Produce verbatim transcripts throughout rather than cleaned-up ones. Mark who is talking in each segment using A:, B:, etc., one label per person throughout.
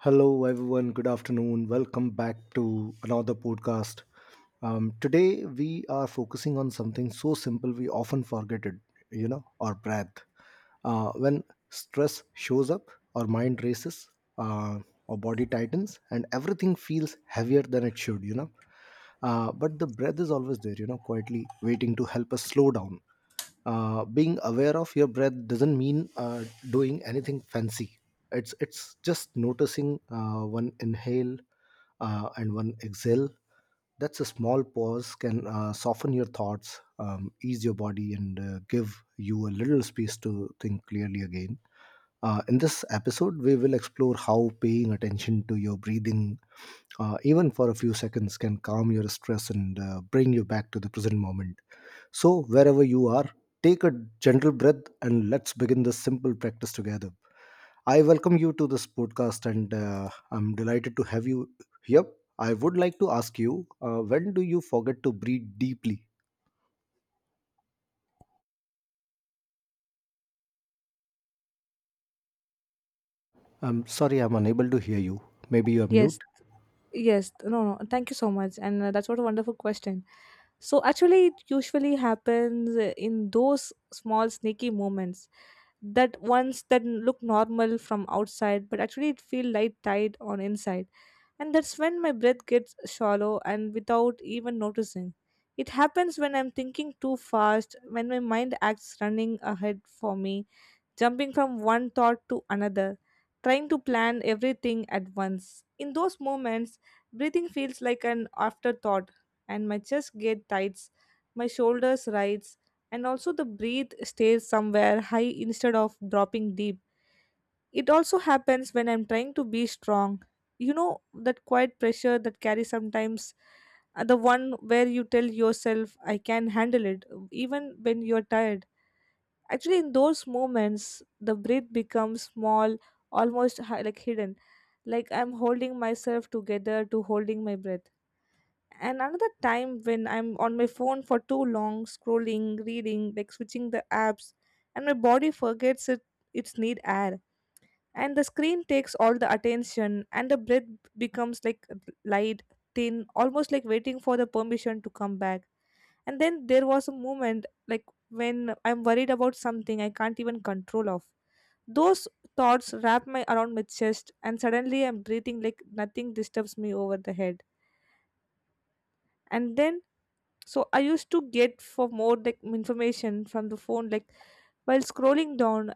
A: Hello, everyone. Good afternoon. Welcome back to another podcast. Um, today, we are focusing on something so simple we often forget it, you know, our breath. Uh, when stress shows up, our mind races, uh, our body tightens, and everything feels heavier than it should, you know. Uh, but the breath is always there, you know, quietly waiting to help us slow down. Uh, being aware of your breath doesn't mean uh, doing anything fancy. It's it's just noticing uh, one inhale uh, and one exhale. That's a small pause. Can uh, soften your thoughts, um, ease your body, and uh, give you a little space to think clearly again. Uh, in this episode we will explore how paying attention to your breathing, uh, even for a few seconds, can calm your stress and uh, bring you back to the present moment. So wherever you are, take a gentle breath and let's begin this simple practice together. I welcome you to this podcast, and uh, I'm delighted to have you here. I would like to ask you, uh, when do you forget to breathe deeply? I'm sorry, I'm unable to hear you. Maybe you're
B: Yes,
A: mute.
B: yes. No, no. Thank you so much. And uh, that's what a wonderful question. So actually, it usually happens uh, in those small sneaky moments, that ones that look normal from outside, but actually it feel light tight on inside, and that's when my breath gets shallow and without even noticing. It happens when I'm thinking too fast, when my mind acts running ahead for me, jumping from one thought to another, trying to plan everything at once. In those moments, breathing feels like an afterthought, and my chest gets tight, my shoulders rise, and also the breath stays somewhere high instead of dropping deep. It also happens when I'm trying to be strong. You know that quiet pressure that carries sometimes, uh, the one where you tell yourself I can handle it even when you're tired. Actually, in those moments, the breath becomes small, almost hi- like hidden. Like I'm holding myself together to holding my breath. And another time when I'm on my phone for too long, scrolling, reading, like switching the apps, and my body forgets it its need air. And the screen takes all the attention, and the breath becomes like light, thin, almost like waiting for the permission to come back. And then there was a moment like when I'm worried about something I can't even control of. Those thoughts wrap my around my chest and suddenly I'm breathing like nothing disturbs me over the head. And then, so I used to get for more like information from the phone, like while scrolling down,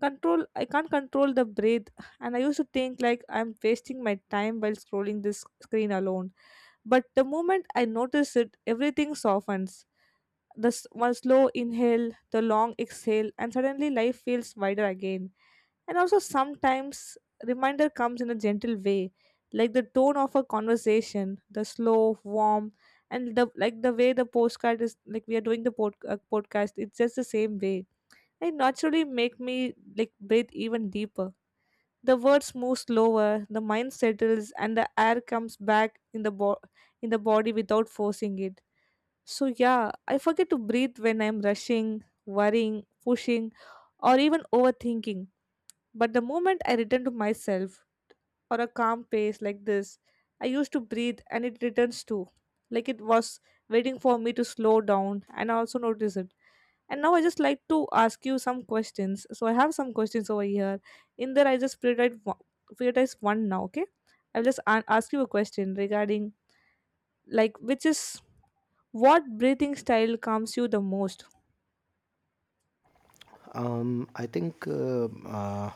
B: control I can't control the breath, and I used to think like I'm wasting my time while scrolling this screen alone. But the moment I notice it, everything softens. The s- one slow inhale, the long exhale, and suddenly life feels wider again. And also, sometimes reminder comes in a gentle way, like the tone of a conversation, the slow, warm, and the like the way the postcard is like we are doing the pod, uh, podcast. It's just the same way. It naturally make me like breathe even deeper. The words move slower, the mind settles, and the air comes back in the bo- in the body without forcing it. So yeah, I forget to breathe when I'm rushing, worrying, pushing, or even overthinking. But the moment I return to myself, or a calm pace like this. I used to breathe and it returns too, like it was waiting for me to slow down and I also notice it. And now I just like to ask you some questions. So I have some questions over here. In there, I just prioritize one, prioritize one now, okay? I'll just a- ask you a question regarding, like, which is what breathing style calms you the most?
A: Um, I think uh, uh,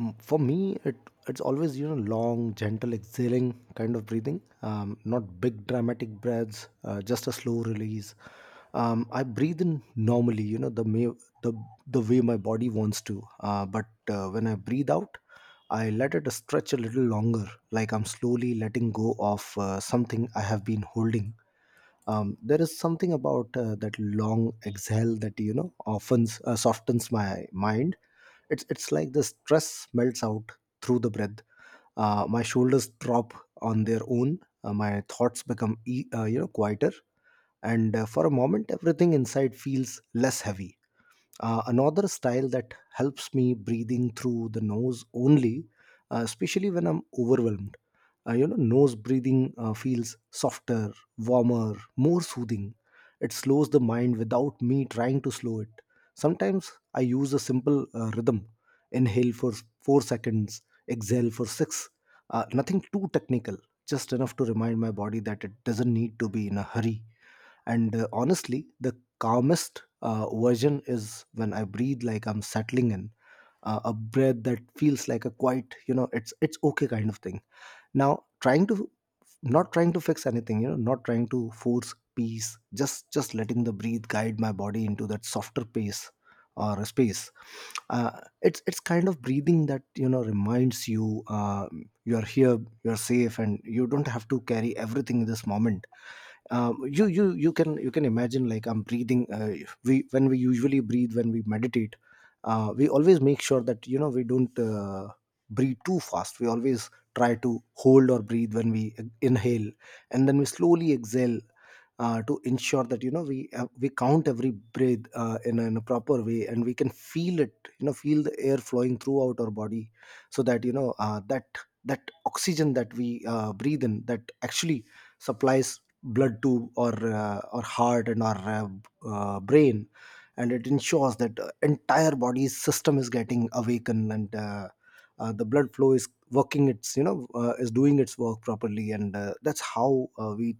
A: m- for me, it it's always, you know, long, gentle exhaling kind of breathing. Um, not big dramatic breaths, uh, just a slow release. Um, I breathe in normally, you know, the may, the the way my body wants to. Uh, but uh, when I breathe out, I let it stretch a little longer, like I'm slowly letting go of uh, something I have been holding. Um, there is something about uh, that long exhale that, you know, often uh, softens my mind. It's it's like the stress melts out through the breath. Uh, my shoulders drop on their own. Uh, my thoughts become e- uh, you know, quieter, and uh, for a moment everything inside feels less heavy. Uh, another style that helps me: breathing through the nose only, uh, especially when I'm overwhelmed. Uh, you know, nose breathing uh, feels softer, warmer, more soothing. It slows the mind without me trying to slow it. Sometimes I use a simple uh, rhythm: inhale for four seconds, exhale for six. Uh, nothing too technical, just enough to remind my body that it doesn't need to be in a hurry. And uh, honestly, the calmest uh, version is when I breathe like I'm settling in, uh, a breath that feels like a quiet, you know, it's it's okay kind of thing. Now, trying to Not trying to fix anything, you know, not trying to force peace, just just letting the breathe guide my body into that softer pace or space. Uh, it's it's kind of breathing that, you know, reminds you uh, you are here, you are safe, and you don't have to carry everything in this moment. Um, you you you can, you can imagine, like, I'm breathing. Uh, we When we usually breathe when we meditate, uh, we always make sure that, you know, we don't uh, breathe too fast. We always try to hold or breathe when we e-, inhale, and then we slowly exhale uh, to ensure that, you know, we uh, we count every breath uh, in, a, in a proper way, and we can feel it, you know, feel the air flowing throughout our body. So that, you know, uh, that that oxygen that we uh, breathe in, that actually supplies blood tube, or uh, our heart and our uh, b- uh, brain, and it ensures that uh, entire body system is getting awakened, and uh, uh, the blood flow is working its, you know, uh, is doing its work properly. And uh, that's how uh, we,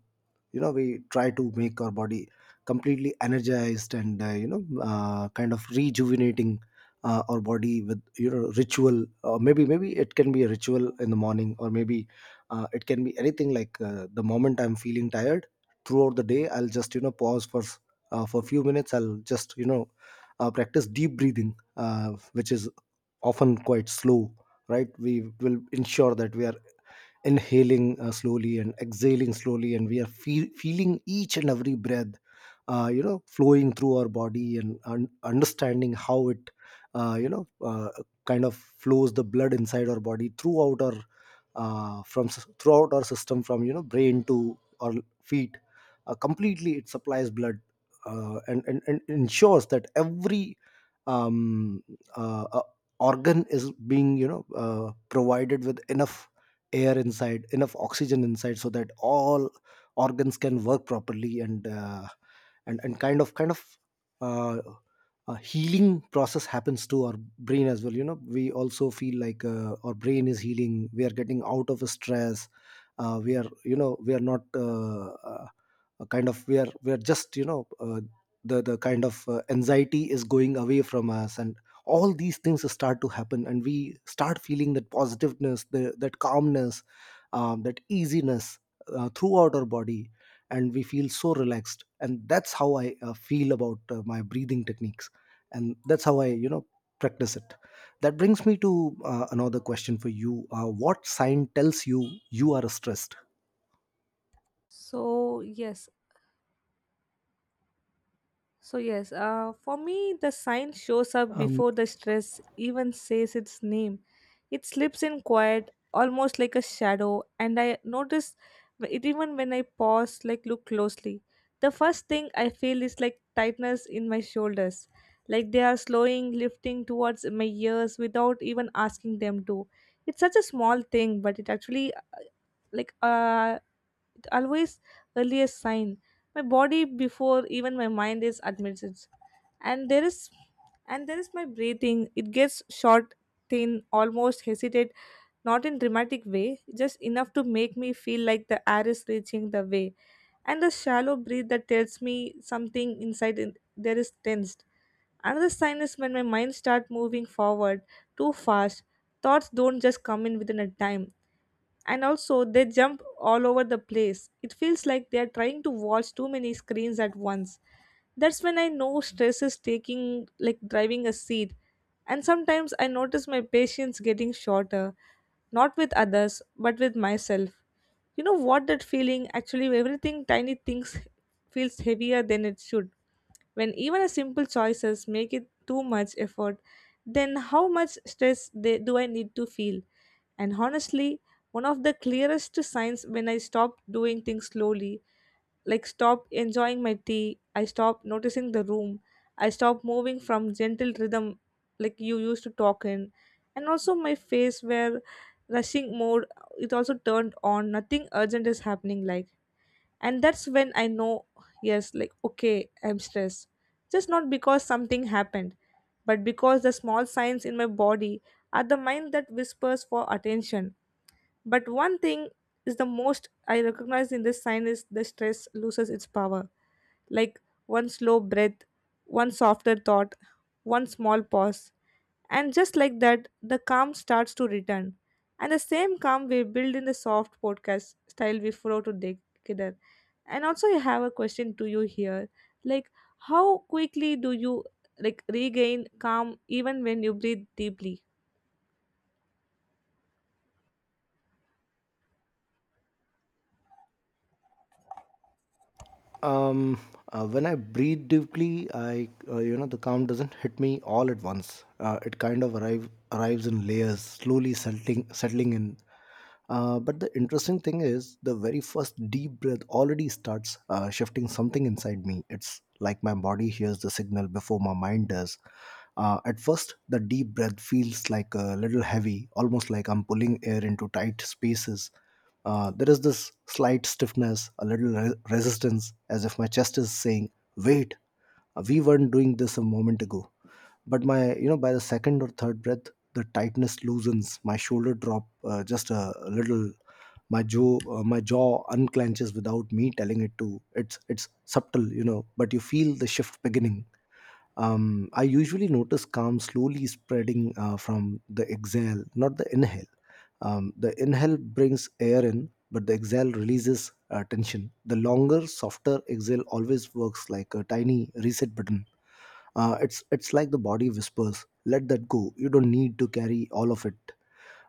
A: you know, we try to make our body completely energized and, uh, you know, uh, kind of rejuvenating uh, our body with, you know, ritual. Or maybe, maybe it can be a ritual in the morning, or maybe uh, it can be anything. Like uh, the moment I'm feeling tired throughout the day, I'll just, you know, pause for s- uh, for a few minutes. I'll just, you know, uh, practice deep breathing, uh, which is often quite slow, right? We will ensure that we are inhaling uh, slowly and exhaling slowly, and we are feel, feeling each and every breath uh, you know, flowing through our body, and un- understanding how it uh, you know uh, kind of flows the blood inside our body throughout our, uh, from s- throughout our system, from, you know, brain to our feet. Uh, completely it supplies blood, uh, and, and and ensures that every, um, uh, uh, organ is being, you know, uh, provided with enough air inside, enough oxygen inside, so that all organs can work properly. And uh, and and kind of kind of uh, a healing process happens to our brain as well. You know, we also feel like uh, our brain is healing, we are getting out of stress. Uh, we are, you know, we are not uh, uh, kind of we are we are just, you know, uh, the the kind of uh, anxiety is going away from us, and all these things start to happen, and we start feeling that positiveness, the, that calmness, um, that easiness uh, throughout our body, and we feel so relaxed. And that's how I uh, feel about uh, my breathing techniques, and that's how I, you know, practice it. That brings me to uh, another question for you. Uh, what sign tells you you are stressed?
B: So, yes, So yes, uh, for me, the sign shows up
A: Um,
B: before the stress even says its name. It slips in quiet, almost like a shadow, and I notice wh- it even when I pause, like look closely. The first thing I feel is like tightness in my shoulders, like they are slowing, lifting towards my ears without even asking them to. It's such a small thing, but it actually like uh, it always early a sign my body before even my mind is admits it. And there is and there is my breathing, it gets short, thin, almost hesitate, not in dramatic way, just enough to make me feel like the air is reaching the way, and the shallow breath that tells me something inside in, there is tensed. Another sign is when my mind starts moving forward too fast. Thoughts don't just come in within a time, and also they jump all over the place. It feels like they are trying to watch too many screens at once. That's when I know stress is taking like driving a seat. And sometimes I notice my patience getting shorter, not with others, but with myself. You know what that feeling actually everything tiny things feels heavier than it should. When even a simple choices make it too much effort, then how much stress they, do I need to feel? And honestly, one of the clearest signs when I stopped doing things slowly, like stopped enjoying my tea, I stopped noticing the room, I stopped moving from gentle rhythm like you used to talk in, and also my face where rushing mode it also turned on, nothing urgent is happening like. And that's when I know, yes, like okay, I'm stressed. Just not because something happened, but because the small signs in my body are the mind that whispers for attention. But one thing is the most I recognize in this sign is the stress loses its power. Like one slow breath, one softer thought, one small pause. And just like that, the calm starts to return. And the same calm we build in the soft podcast style we follow together. And also, I have a question to you here. Like, how quickly do you like regain calm even when you breathe deeply?
A: Um, uh, when I breathe deeply, I uh, you know, the calm doesn't hit me all at once. Uh, it kind of arrive, arrives in layers, slowly settling settling in. Uh, but the interesting thing is, the very first deep breath already starts uh, shifting something inside me. It's like my body hears the signal before my mind does. Uh, at first, the deep breath feels like a little heavy, almost like I'm pulling air into tight spaces. Uh, there is this slight stiffness, a little re- resistance, as if my chest is saying, "Wait, uh, we weren't doing this a moment ago." But my, you know, by the second or third breath, the tightness loosens. My shoulder drop uh, just a, a little. My jaw, uh, my jaw unclenches without me telling it to. It's it's subtle, you know, but you feel the shift beginning. um, I usually notice calm slowly spreading uh, from the exhale, not the inhale. Um, the inhale brings air in, but the exhale releases uh, tension. The longer, softer exhale always works like a tiny reset button. Uh, it's it's like the body whispers, "Let that go. You don't need to carry all of it."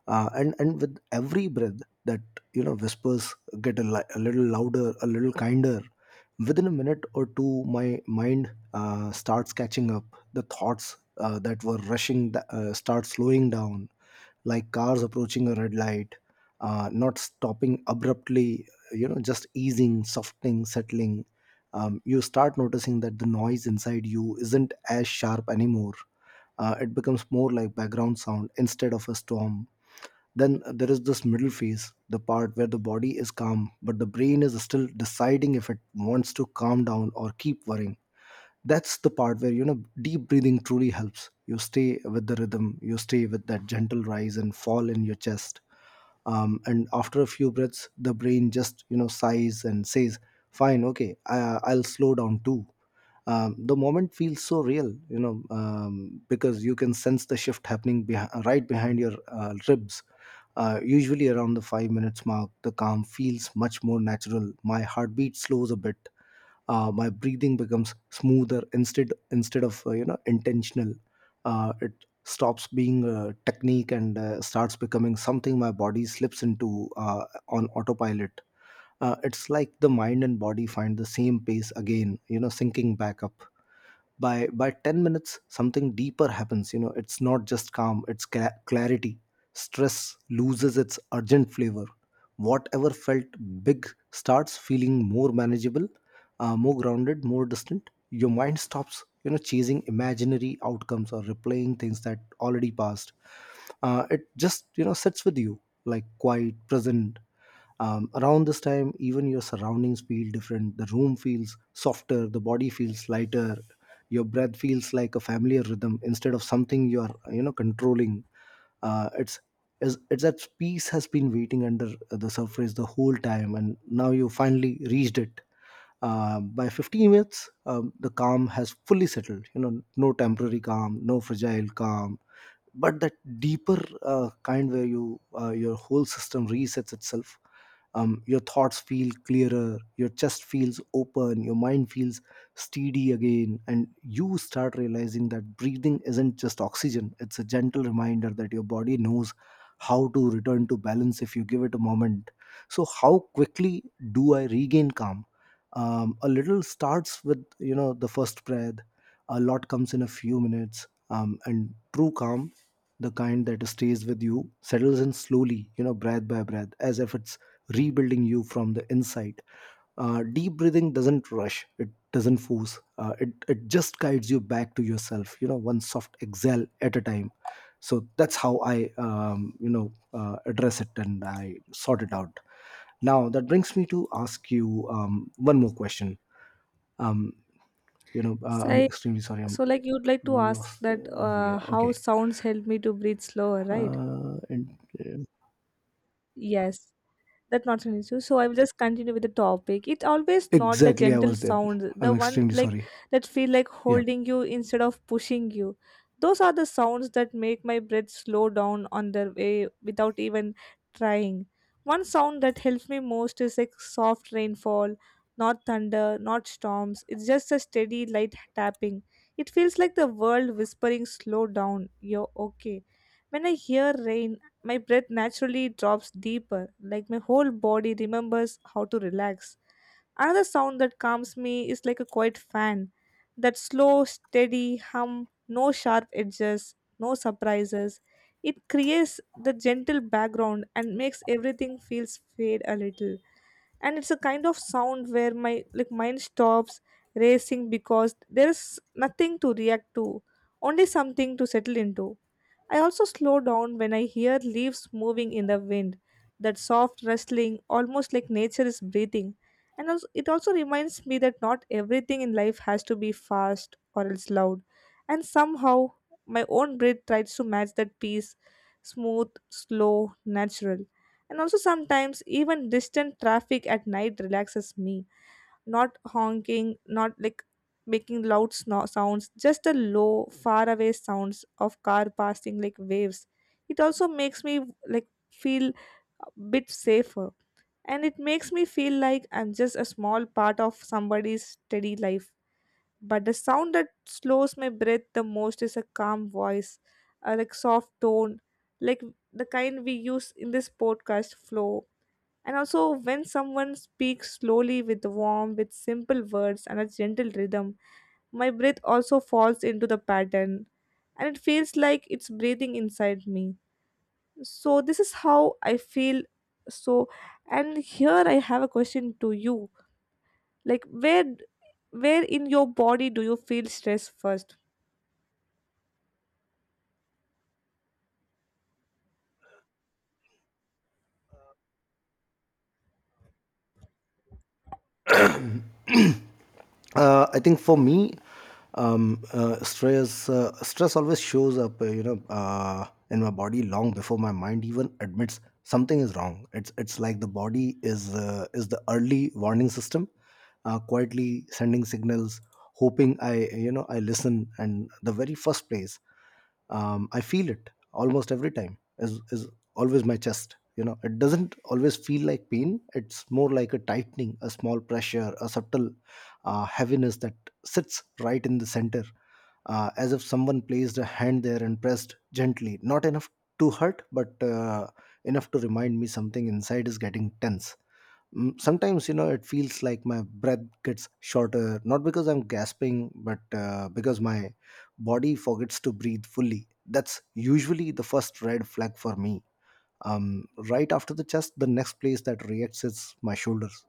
A: uh, and and with every breath that, you know, whispers get a, li- a little louder, a little kinder. Within a minute or two my mind uh, starts catching up. The thoughts uh, that were rushing th- uh, start slowing down, like cars approaching a red light, uh, not stopping abruptly, you know, just easing, softening, settling. Um, you start noticing that the noise inside you isn't as sharp anymore. Uh, it becomes more like background sound instead of a storm. Then uh, there is this middle phase, the part where the body is calm, but the brain is still deciding if it wants to calm down or keep worrying. That's the part where, you know, deep breathing truly helps. You stay with the rhythm, you stay with that gentle rise and fall in your chest. Um, and after a few breaths the brain just, you know, sighs and says, fine, okay, I, i'll slow down too. Um, the moment feels so real, you know, um, because you can sense the shift happening beh- right behind your uh, ribs. Uh, usually around the five minutes mark the calm feels much more natural. My heartbeat slows a bit. Uh, my breathing becomes smoother instead instead of, uh, you know, intentional. Uh, it stops being a technique and uh, starts becoming something my body slips into, uh, on autopilot. Uh, it's like the mind and body find the same pace again, you know, sinking back up. By by ten minutes something deeper happens, you know. It's not just calm, it's cla clarity. Stress loses its urgent flavor. Whatever felt big starts feeling more manageable, uh, more grounded, more distant. Your mind stops, you know, chasing imaginary outcomes or replaying things that already passed. Uh, it just, you know, sits with you, like quiet, present. Um, around this time even your surroundings feel different. The room feels softer, the body feels lighter, your breath feels like a familiar rhythm instead of something you are, you know, controlling. Uh, it's is it's that peace has been waiting under the surface the whole time, and now you finally reached it. Uh, by fifteen minutes um, the calm has fully settled, you know, no temporary calm No fragile calm, but that deeper uh, kind where you uh, your whole system resets itself. Um, your thoughts feel clearer, your chest feels open, your mind feels steady again, and you start realizing that breathing isn't just oxygen. It's a gentle reminder that your body knows how to return to balance if you give it a moment. So how quickly do I regain calm? Um, a little starts with you know the first breath, a lot comes in a few minutes, um, and true calm, the kind that stays with you, settles in slowly, you know breath by breath, as if it's rebuilding you from the inside. Uh, deep breathing doesn't rush, it doesn't force, uh, it, it just guides you back to yourself, you know, one soft exhale at a time. So that's how I, um, you know, uh, address it and I sort it out. Now, that brings me to ask you um, one more question. Um, you know, uh, I'm
B: Say,
A: extremely sorry,
B: so,
A: I'm
B: like, you'd like to ask
A: lost.
B: that
A: Uh, maybe, yeah,
B: uh, how
A: okay.
B: sounds help me to breathe slower, right?
A: Uh, and, uh,
B: Yes. That's not an issue. So I will just continue with the topic. It's always not the
A: exactly, I
B: gentle
A: was there.
B: sounds, the
A: I'm
B: one
A: extremely
B: like
A: sorry.
B: that feel like
A: Yeah.
B: holding you instead of pushing you. Those are the sounds that make my breath slow down on their way without even trying. One sound that helps me most is like soft rainfall, not thunder, not storms. It's just a steady light tapping. It feels like the world whispering slow down. You're okay. When I hear rain, my breath naturally drops deeper, like my whole body remembers how to relax. Another sound that calms me is like a quiet fan. That slow, steady hum, no sharp edges, no surprises. It creates the gentle background and makes everything feels fade a little. And it's a kind of sound where my like mind stops racing because there's nothing to react to, only something to settle into. I also slow down when I hear leaves moving in the wind, that soft rustling, almost like nature is breathing. And also, it also reminds me that not everything in life has to be fast or else loud. And somehow, my own breath tries to match that pace, smooth, slow, natural. And also, sometimes even distant traffic at night relaxes me. Not honking, not like making loud sno- sounds, just the low, far away sounds of car passing like waves. It also makes me like feel a bit safer, and it makes me feel like I'm just a small part of somebody's steady life. But the sound that slows my breath the most is a calm voice, a like soft tone, like the kind we use in this podcast flow. And also when someone speaks slowly with warmth, with simple words and a gentle rhythm, my breath also falls into the pattern and it feels like it's breathing inside me. So this is how I feel. So, and here I have a question to you, like where d- where in your body do you feel stress first?
A: uh, I think for me, um, uh, stress uh, stress always shows up, uh, you know, uh, in my body long before my mind even admits something is wrong. It's it's like the body is uh, is the early warning system, uh, quietly sending signals, hoping I you know I listen. And the very first place um, I feel it almost every time is is always my chest. You know, it doesn't always feel like pain, it's more like a tightening, a small pressure, a subtle uh, heaviness that sits right in the center, uh, as if someone placed a hand there and pressed gently, not enough to hurt, but uh, enough to remind me something inside is getting tense. Mm, sometimes you know it feels like my breath gets shorter, not because I'm gasping, but uh, because my body forgets to breathe fully. That's usually the first red flag for me. Um, right after the chest, the next place that reacts is my shoulders.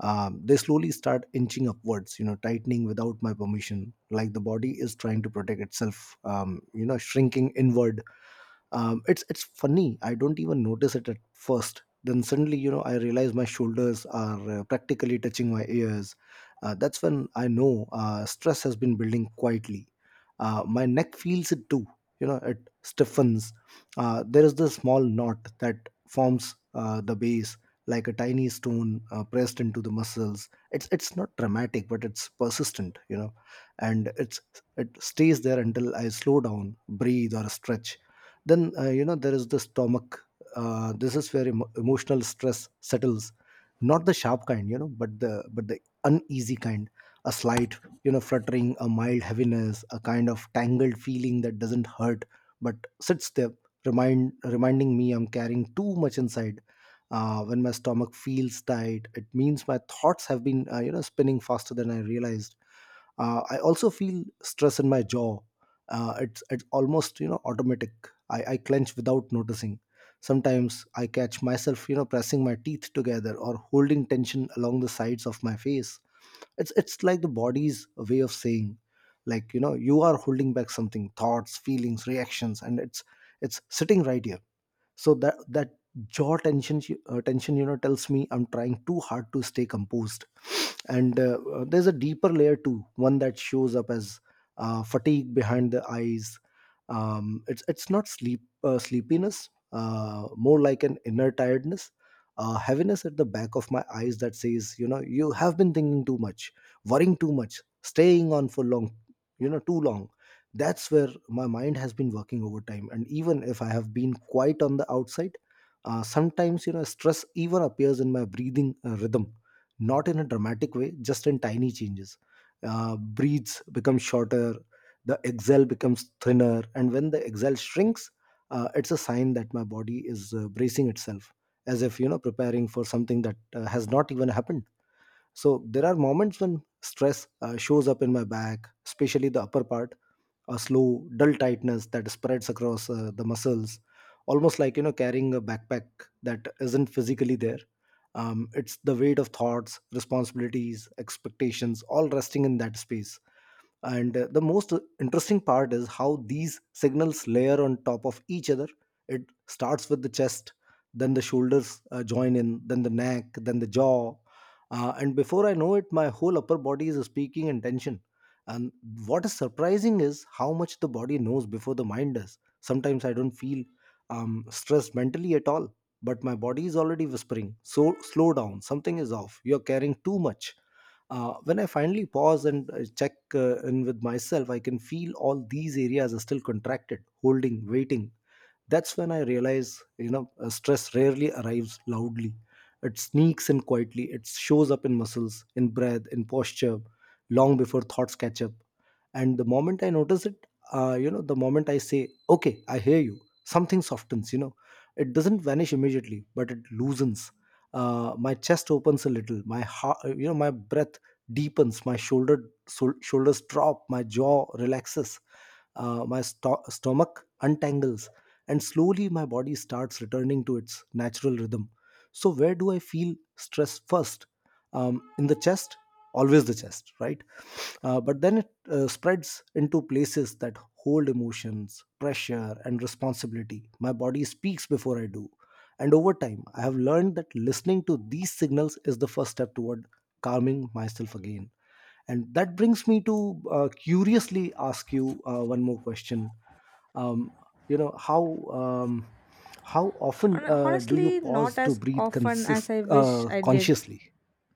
A: um, They slowly start inching upwards, you know, tightening without my permission, like the body is trying to protect itself, um, you know shrinking inward. Um, it's it's funny, I don't even notice it at first. Then suddenly, you know, I realize my shoulders are uh, practically touching my ears. Uh, that's when I know uh, stress has been building quietly. Uh, my neck feels it too, you know. It stiffens. Uh, there is this small knot that forms uh, the base, like a tiny stone uh, pressed into the muscles. It's it's not dramatic, but it's persistent, you know. And it's It stays there until I slow down, breathe, or stretch. Then uh, you know there is the stomach. Uh, this is where emo- emotional stress settles, not the sharp kind, you know, but the but the uneasy kind, a slight, you know, fluttering, a mild heaviness, a kind of tangled feeling that doesn't hurt but sits there, remind reminding me I'm carrying too much inside. Uh, when my stomach feels tight, it means my thoughts have been, uh, you know spinning faster than I realized. uh, I also feel stress in my jaw. Uh, it's it's almost, you know, automatic. I, I clench without noticing. Sometimes I catch myself, you know, pressing my teeth together or holding tension along the sides of my face. It's it's like the body's way of saying, like, you know, you are holding back something, thoughts, feelings, reactions, and it's it's sitting right here. So that that jaw tension, uh, tension you know, tells me I'm trying too hard to stay composed. And uh, uh, there's a deeper layer too, one that shows up as uh, fatigue behind the eyes. Um, it's it's not sleep uh, sleepiness, uh, more like an inner tiredness, uh, heaviness at the back of my eyes that says, you know, you have been thinking too much, worrying too much, staying on for long, you know, too long. That's where my mind has been working overtime, and even if I have been quiet on the outside, uh, sometimes, you know, stress even appears in my breathing uh, rhythm, not in a dramatic way, just in tiny changes. Uh, breaths become shorter, the exhale becomes thinner, and when the exhale shrinks, uh, it's a sign that my body is, uh, bracing itself, as if, you know, preparing for something that uh, has not even happened. So there are moments when stress uh, shows up in my back, especially the upper part, a slow, dull tightness that spreads across uh, the muscles, almost like, you know, carrying a backpack that isn't physically there. Um, it's the weight of thoughts, responsibilities, expectations, all resting in that space. And uh, the most interesting part is how these signals layer on top of each other. It starts with the chest, then the shoulders uh, join in, then the neck, then the jaw. Uh, and before I know it, my whole upper body is speaking in tension. And what is surprising is how much the body knows before the mind does. Sometimes I don't feel um, stressed mentally at all, but my body is already whispering, so slow down, something is off, you're caring too much. Uh, when I finally pause and uh, check uh, in with myself, I can feel all these areas are still contracted, holding, waiting. That's when I realize, you know, uh, stress rarely arrives loudly. It sneaks in quietly. It shows up in muscles, in breath, in posture, long before thoughts catch up. And the moment I notice it, uh, you know, the moment I say, okay, I hear you, something softens, you know. It doesn't vanish immediately, but it loosens. Uh, my chest opens a little. My heart, uh, you know, my breath deepens. My shoulder, sol- shoulders drop. My jaw relaxes, uh, my sto- stomach untangles, and slowly my body starts returning to its natural rhythm. So, where do I feel stress first? Um, in the chest, always the chest, right? Uh, but then it uh, spreads into places that hold emotions, pressure, and responsibility. My body speaks before I do. And over time, I have learned that listening to these signals is the first step toward calming myself again. And that brings me to uh, curiously ask you uh, one more question. um, you know how um, how often
B: Hon-
A: uh, do you
B: honestly not
A: pause to
B: as
A: breathe
B: often as
A: consist-
B: I wish
A: uh,
B: I did.
A: consciously?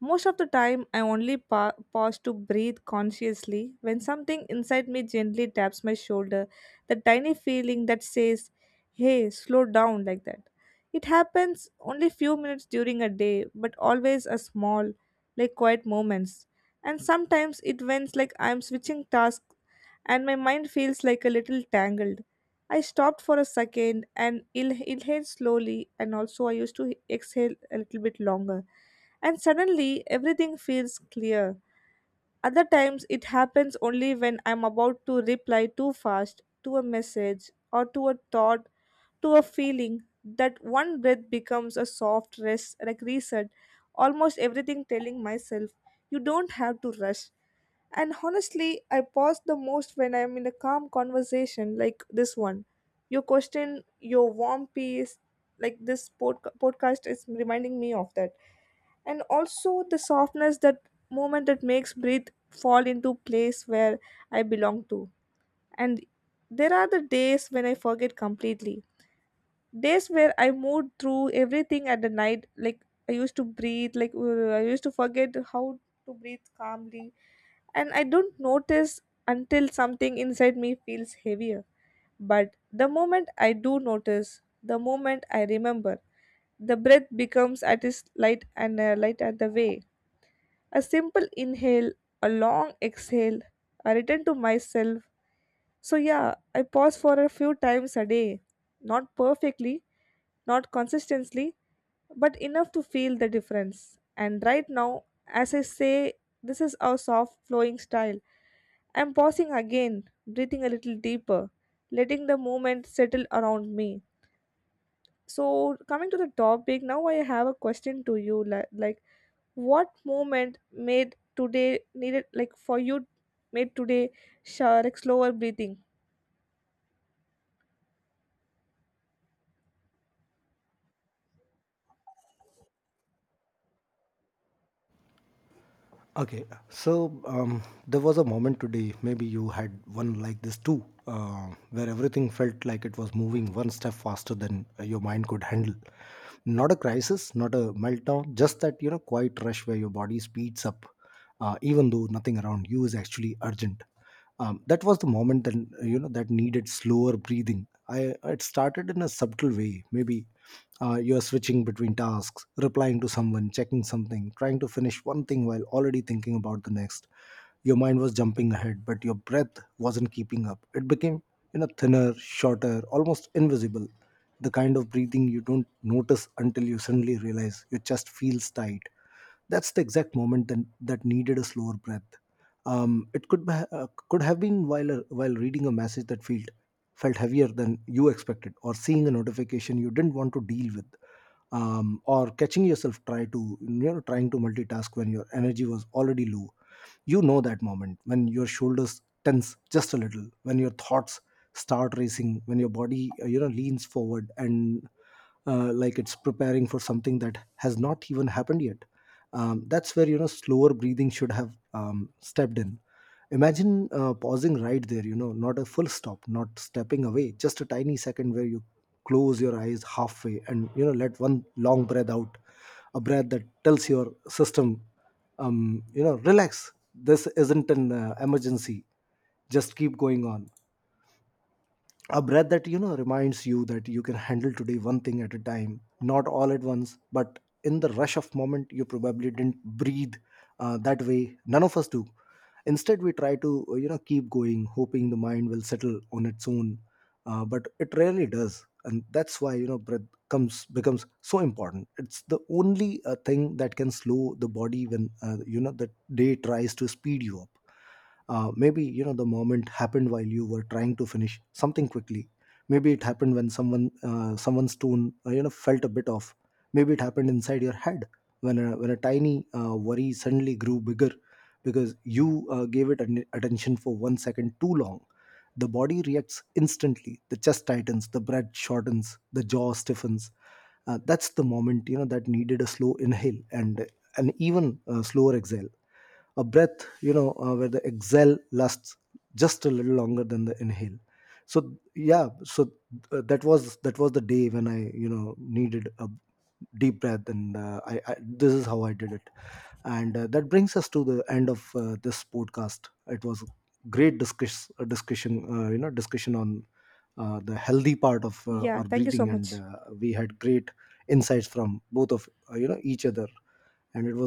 B: Most of the time, I only pa- pause to breathe consciously when something inside me gently taps my shoulder, the tiny feeling that says, hey, slow down like that. It happens only few minutes during a day, but always a small, like quiet moments. And sometimes it went like I'm switching tasks and my mind feels like a little tangled. I stopped for a second and inhale slowly, and also I used to exhale a little bit longer and suddenly everything feels clear. Other times it happens only when I'm about to reply too fast to a message or to a thought to a feeling, that one breath becomes a soft rest, like reset, almost everything telling myself, you don't have to rush. And honestly, I pause the most when I'm in a calm conversation like this one. Your question, your warm piece, like this podca- podcast is reminding me of that. And also the softness that moment that makes breathe fall into place where I belong to. And there are the days when I forget completely, days where I moved through everything at the night, like I used to breathe, like uh, I used to forget how to breathe calmly, and I don't notice until something inside me feels heavier. But the moment I do notice, the moment I remember, the breath becomes at its light and uh, light at the way. A simple inhale, a long exhale, a return to myself. So yeah, I pause for a few times a day, not perfectly, not consistently, but enough to feel the difference. And right now, as I say, this is our soft flowing style. I'm pausing again, breathing a little deeper, letting the movement settle around me. So, coming to the topic, now I have a question to you li- like, what moment made today needed, like, for you, made today sh- like slower breathing?
A: Okay, so um, there was a moment today, maybe you had one like this too, uh, where everything felt like it was moving one step faster than uh, your mind could handle. Not a crisis, not a meltdown, just that, you know, quiet rush where your body speeds up, uh, even though nothing around you is actually urgent. Um, that was the moment that, you know, that needed slower breathing. I It started in a subtle way, maybe uh, you are switching between tasks, replying to someone, checking something, trying to finish one thing while already thinking about the next. Your mind was jumping ahead, but your breath wasn't keeping up. It became, you know, thinner, shorter, almost invisible, the kind of breathing you don't notice until you suddenly realize your chest feels tight. That's the exact moment that, that needed a slower breath. Um, it could be, uh, could have been while uh, while reading a message that felt felt heavier than you expected, or seeing a notification you didn't want to deal with, um, or catching yourself try to you know trying to multitask when your energy was already low. You know, that moment when your shoulders tense just a little, when your thoughts start racing, when your body, uh, you know leans forward and uh, like it's preparing for something that has not even happened yet, um, that's where, you know, slower breathing should have um, stepped in. Imagine uh, pausing right there, you know, not a full stop, not stepping away, just a tiny second where you close your eyes halfway and, you know, let one long breath out, a breath that tells your system, um, you know, relax, this isn't an uh, emergency, just keep going on, a breath that, you know, reminds you that you can handle today, one thing at a time, not all at once. But in the rush of moment, you probably didn't breathe uh, that way. None of us do. Instead, we try to, uh, you know keep going, hoping the mind will settle on its own. Uh, but it rarely does, and that's why, you know, breath comes becomes so important. It's the only uh, thing that can slow the body when, uh, you know the day tries to speed you up. Uh, maybe, you know, the moment happened while you were trying to finish something quickly. Maybe it happened when someone uh, someone's tone uh, you know, felt a bit off. Maybe it happened inside your head, when a, when a tiny uh, worry suddenly grew bigger because you uh, gave it an attention for one second too long. The body reacts instantly. The chest tightens, the breath shortens, the jaw stiffens. Uh, that's the moment, you know, that needed a slow inhale and an even uh, slower exhale. A breath, you know uh, where the exhale lasts just a little longer than the inhale. So yeah, so uh, that was that was the day when I, you know, needed a deep breath, and uh, I, I this is how I did it. And uh, that brings us to the end of uh, this podcast. It was a great discuss, uh, discussion, uh, you know, discussion on uh, the healthy part of uh,
B: Yeah,
A: our
B: thank you so
A: breathing, and
B: much.
A: uh, we had great insights from both of, uh, you know each other. And it was